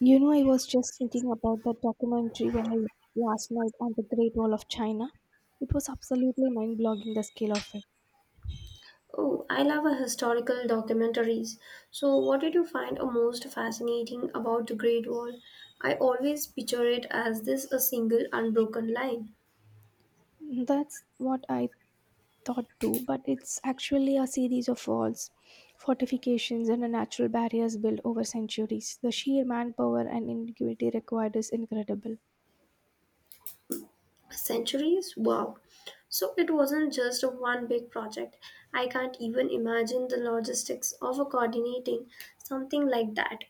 You know, I was just thinking about that documentary when I last night on the Great Wall of China. It was absolutely mind-blogging the scale of it. Oh, I love a historical documentaries. So, what did you find a most fascinating about the Great Wall? I always picture it as this a single unbroken line. That's what I thought too, but it's actually a series of walls, fortifications, and natural barriers built over centuries. The sheer manpower and ingenuity required is incredible. Centuries? Wow. So it wasn't just a one big project. I can't even imagine the logistics of a coordinating something like that.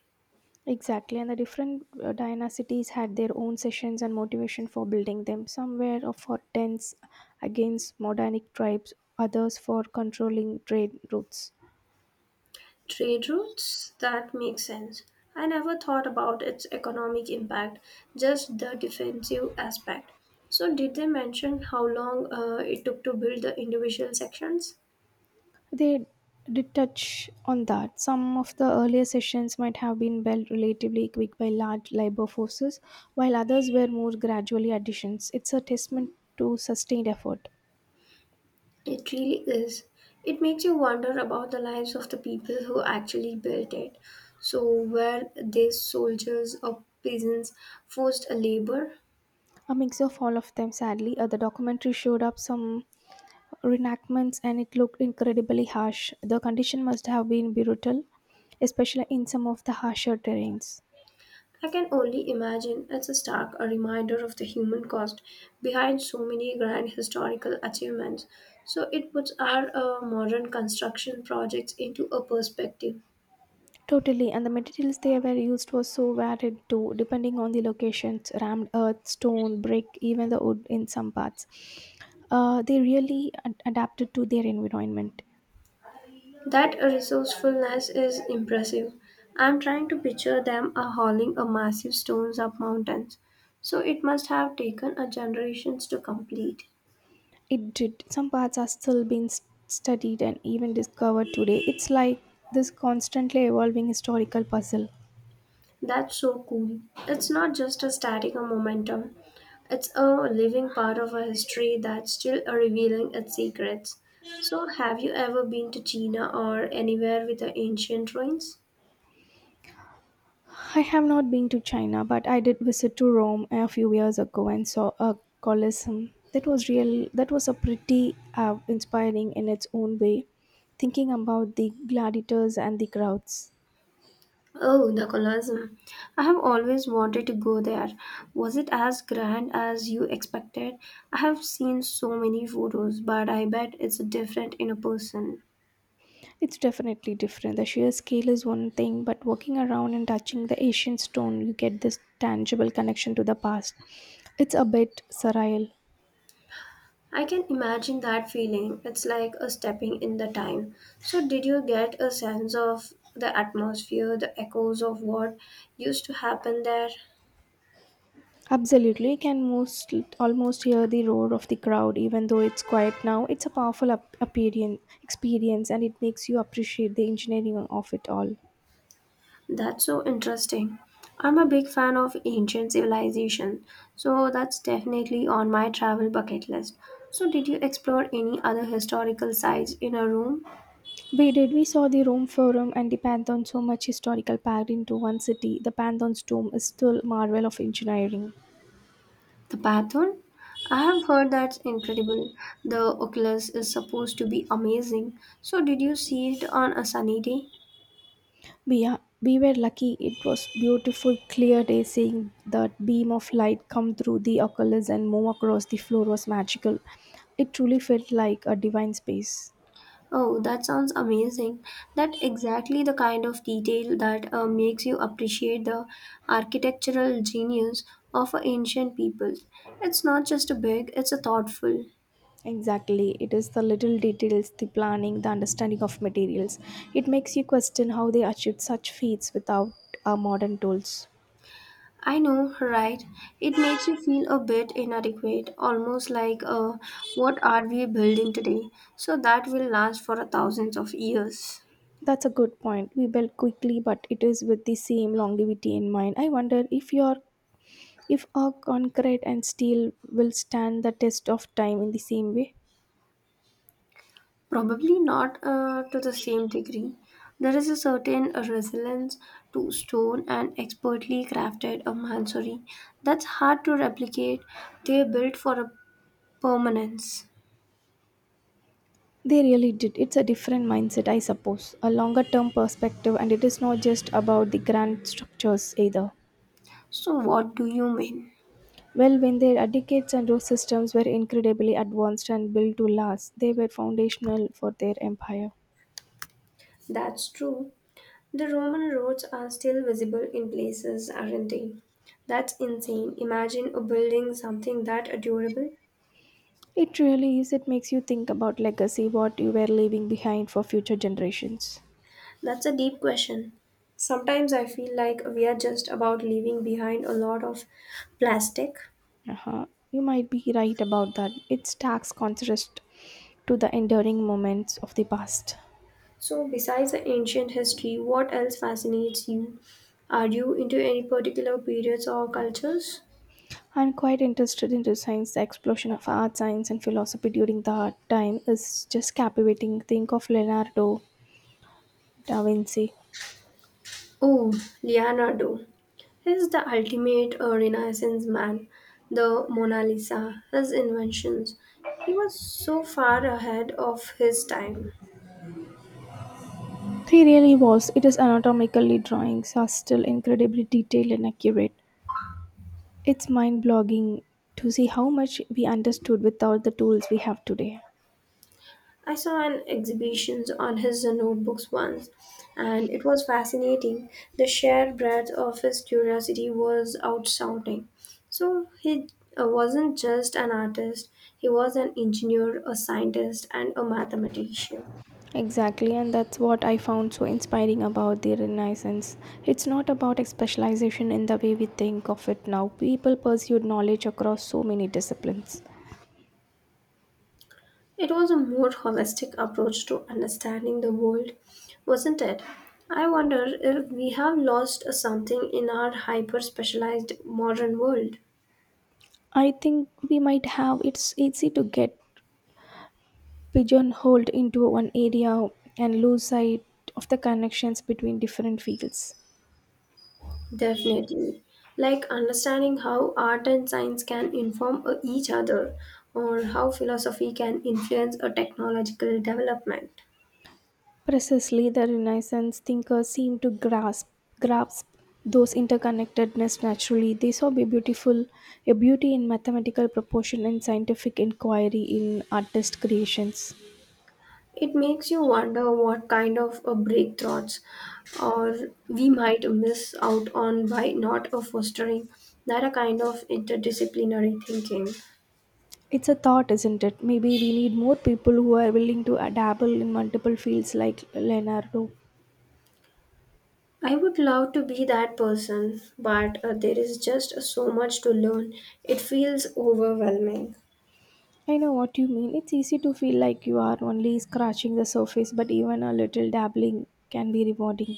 Exactly, and the different dynasties had their own sessions and motivation for building them. Some were for tents against Modanic tribes, others for controlling trade routes. Trade routes? That makes sense. I never thought about its economic impact, just the defensive aspect. So, did they mention how long it took to build the individual sections? They did touch on that. Some of the earlier sessions might have been built relatively quick by large labor forces, while others were more gradually additions. It's a testament to sustained effort. It really is. It makes you wonder about the lives of the people who actually built it. So, were they soldiers or peasants, forced labor? A mix of all of them, sadly. The documentary showed up some reenactments and it looked incredibly harsh. The condition must have been brutal, especially in some of the harsher terrains. I can only imagine it's a stark a reminder of the human cost behind so many grand historical achievements. So it puts our modern construction projects into a perspective. Totally, and the materials they were used was so varied too, depending on the locations rammed earth, stone, brick, even the wood in some parts. They really adapted to their environment. That resourcefulness is impressive. I'm trying to picture them hauling a massive stones up mountains. So it must have taken a generations to complete. It did. Some parts are still being studied and even discovered today. It's like this constantly evolving historical puzzle. That's so cool. It's not just a static or momentum. It's a living part of our history that's still revealing its secrets. So, have you ever been to China or anywhere with the ancient ruins? I have not been to China, but I did visit to Rome a few years ago and saw a Colosseum. That was real. That was a pretty inspiring in its own way. Thinking about the gladiators and the crowds, Oh, the Colosseum. I have always wanted to go there. Was it as grand as you expected? I have seen so many photos, but I bet it's different in a person. it's definitely different. The sheer scale is one thing, but walking around and touching the ancient stone, you get this tangible connection to the past. It's a bit surreal. I can imagine that feeling. It's like a stepping in the time. So, did you get a sense of the atmosphere, the echoes of what used to happen there? Absolutely, you can most almost hear the roar of the crowd, even though it's quiet now. It's a powerful experience, and it makes you appreciate the engineering of it all. That's so interesting. I'm a big fan of ancient civilization, so that's definitely on my travel bucket list. So, did you explore any other historical sites in a room? We did. We saw the Rome Forum and the Pantheon. So much historical packed into one city. The Pantheon's tomb is still a marvel of engineering. The Pathon? I have heard that's incredible. The Oculus is supposed to be amazing. So, did you see it on a sunny day? We are- we were lucky. It was beautiful, clear day. Seeing that beam of light come through the oculus and move across the floor was magical. It truly felt like a divine space. Oh, that sounds amazing. That exactly the kind of detail that makes you appreciate the architectural genius of a ancient people. It's not just a big, it's a thoughtful. Exactly. It is the little details, the planning, the understanding of materials. It makes you question how they achieved such feats without our modern tools. I know, right? It makes you feel a bit inadequate, almost like what are we building today? So that will last for a thousands of years. That's a good point. We build quickly, but it is with the same longevity in mind. I wonder if your if our concrete and steel will stand the test of time in the same way. Probably not to the same degree. There is a certain resilience to stone and expertly crafted a mansori that's hard to replicate. They're built for a permanence. They really did. It's a different mindset, I suppose. A longer term perspective, and it is not just about the grand structures either. So, what do you mean? Well, when their etiquettes and rule systems were incredibly advanced and built to last, they were foundational for their empire. That's true. The Roman roads are still visible in places, aren't they? That's insane. Imagine building something that durable. It really is. It makes you think about legacy, what you were leaving behind for future generations. That's a deep question. Sometimes I feel like we are just about leaving behind a lot of plastic. Uh-huh. You might be right about that. It stacks contrast to the enduring moments of the past. So, besides the ancient history, what else fascinates you? Are you into any particular periods or cultures? I'm quite interested into science. The explosion of art, science, and philosophy during that time is just captivating. Think of Leonardo da Vinci. Oh, Leonardo. He's the ultimate Renaissance man, the Mona Lisa, his inventions. He was so far ahead of his time. He really was. Its anatomically drawings are still incredibly detailed and accurate. It's mind blogging to see how much we understood without the tools we have today. I saw an exhibition on his notebooks once, and it was fascinating. The sheer breadth of his curiosity was outstanding. So he wasn't just an artist; he was an engineer, a scientist, and a mathematician. Exactly, and that's what I found so inspiring about the Renaissance. It's not about a specialization in the way we think of it now. People pursued knowledge across so many disciplines. It was a more holistic approach to understanding the world, wasn't it? I wonder if we have lost something in our hyper specialized modern world. I think we might have it's easy to get pigeonholed into one area and lose sight of the connections between different fields. Definitely. Like understanding how art and science can inform each other or how philosophy can influence a technological development. Precisely, the Renaissance thinkers seemed to grasp those interconnectedness naturally. They saw a beauty in mathematical proportion and scientific inquiry in artist creations. It makes you wonder what kind of breakthroughs or we might miss out on by not fostering that a kind of interdisciplinary thinking. It's a thought, isn't it? Maybe we need more people who are willing to dabble in multiple fields like Leonardo. I would love to be that person, but there is just so much to learn. It feels overwhelming. I know what you mean. It's easy to feel like you are only scratching the surface, but even a little dabbling can be rewarding.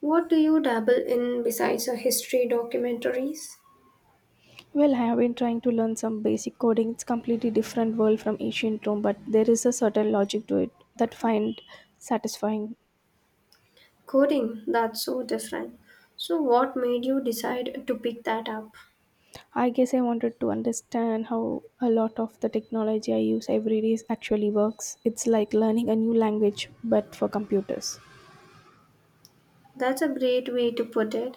What do you dabble in besides a history documentaries? Well, I have been trying to learn some basic coding. It's completely different world from ancient Rome, but there is a certain logic to it that find satisfying. Coding, that's so different. So what made you decide to pick that up? I guess I wanted to understand how a lot of the technology I use every day actually works. It's like learning a new language but for computers. That's a great way to put it.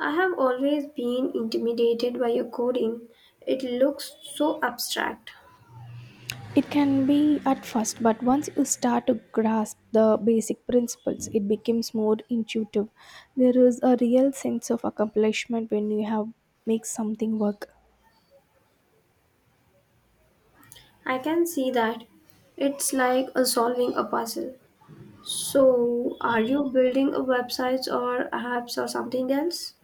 I have always been intimidated by your coding. It looks so abstract. It can be at first, but once you start to grasp the basic principles, it becomes more intuitive. There is a real sense of accomplishment when you have make something work. I can see that. It's like a solving a puzzle. So, are you building a websites or apps or something else?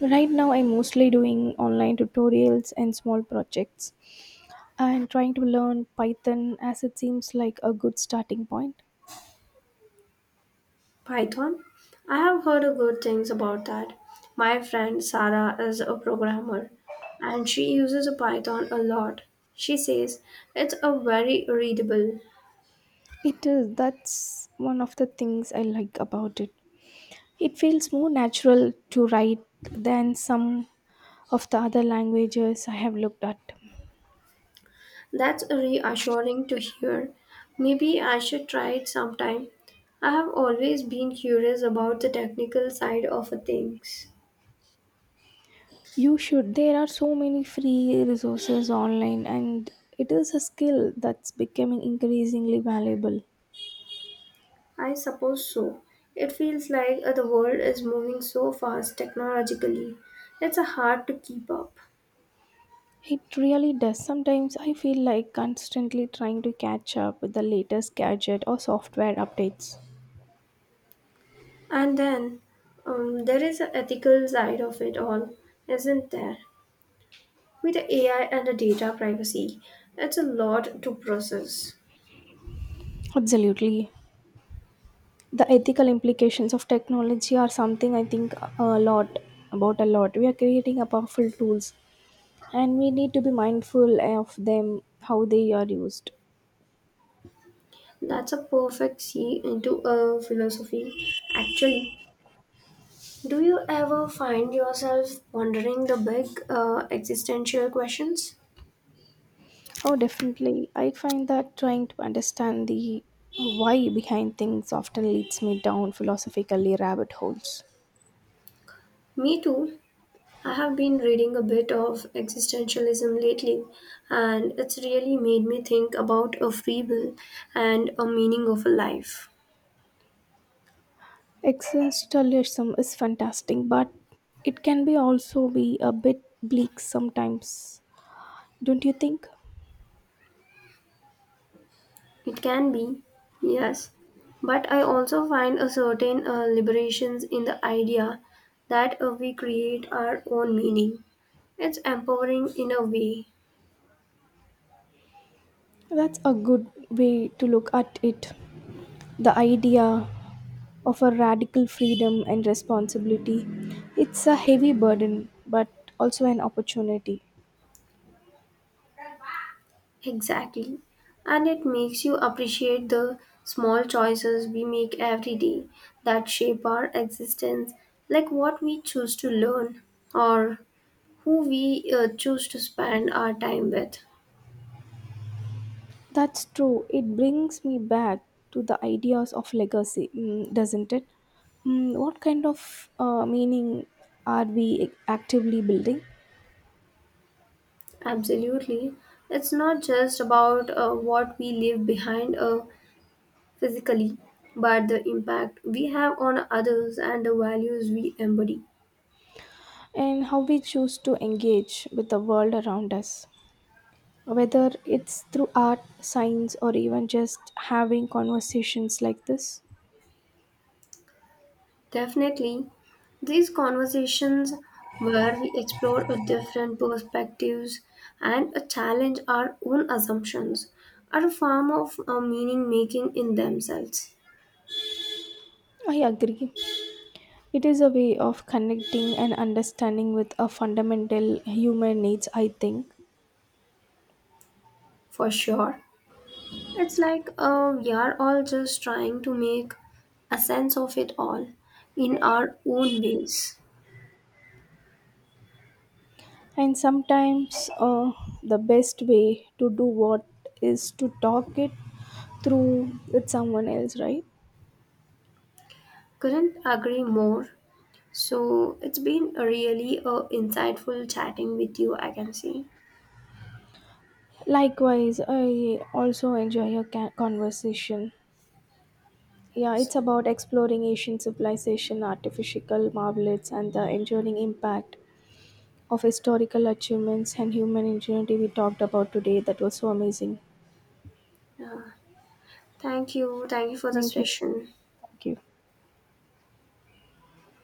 Right now, I'm mostly doing online tutorials and small projects and trying to learn Python as it seems like a good starting point. Python? I have heard good things about that. My friend Sarah is a programmer and she uses Python a lot. She says it's a very readable. It is, that's one of the things I like about it. It feels more natural to write than some of the other languages I have looked at. That's reassuring to hear. Maybe I should try it sometime. I have always been curious about the technical side of things. You should, there are so many free resources online, and it is a skill that's becoming increasingly valuable. I suppose so. It feels like the world is moving so fast technologically. It's hard to keep up. It really does. Sometimes I feel like constantly trying to catch up with the latest gadget or software updates. And then there is the ethical side of it all, isn't there? With the AI and the data privacy, it's a lot to process. Absolutely. The ethical implications of technology are something I think a lot about a lot. We are creating a powerful tools and we need to be mindful of them, how they are used. That's a perfect sea into a philosophy, actually. Do you ever find yourself wondering the big existential questions? Oh, definitely. I find that trying to understand the why behind things often leads me down philosophically rabbit holes. Me too. I have been reading a bit of existentialism lately, and it's really made me think about a free will and a meaning of a life. Existentialism is fantastic, but it can be also be a bit bleak sometimes, don't you think? It can be, yes. But I also find a certain liberations in the idea that we create our own meaning. It's empowering in a way, That's a good way to look at it, the idea of a radical freedom and responsibility. It's a heavy burden, but also an opportunity. exactly. And it makes you appreciate the small choices we make every day that shape our existence, like what we choose to learn or who we choose to spend our time with. That's true, it brings me back to the ideas of legacy, doesn't it? What kind of meaning are we actively building? Absolutely. It's not just about what we leave behind physically, but the impact we have on others and the values we embody. And how we choose to engage with the world around us. Whether it's through art, science, or even just having conversations like this, Definitely, these conversations where we explore a different perspectives and challenge our own assumptions are a form of meaning making in themselves, I agree. It is a way of connecting and understanding with a fundamental human needs, I think. for sure. It's like we are all just trying to make a sense of it all in our own ways. And sometimes the best way to do what is to talk it through with someone else, right? Couldn't agree more. So it's been a really insightful chatting with you, I can say. Likewise, I also enjoy a conversation. Yeah, it's So, about exploring Asian civilization, artificial marvels, and the enduring impact of historical achievements and human ingenuity we talked about today. That was so amazing. yeah, thank you. Thank you for the Thank you. session. Thank you.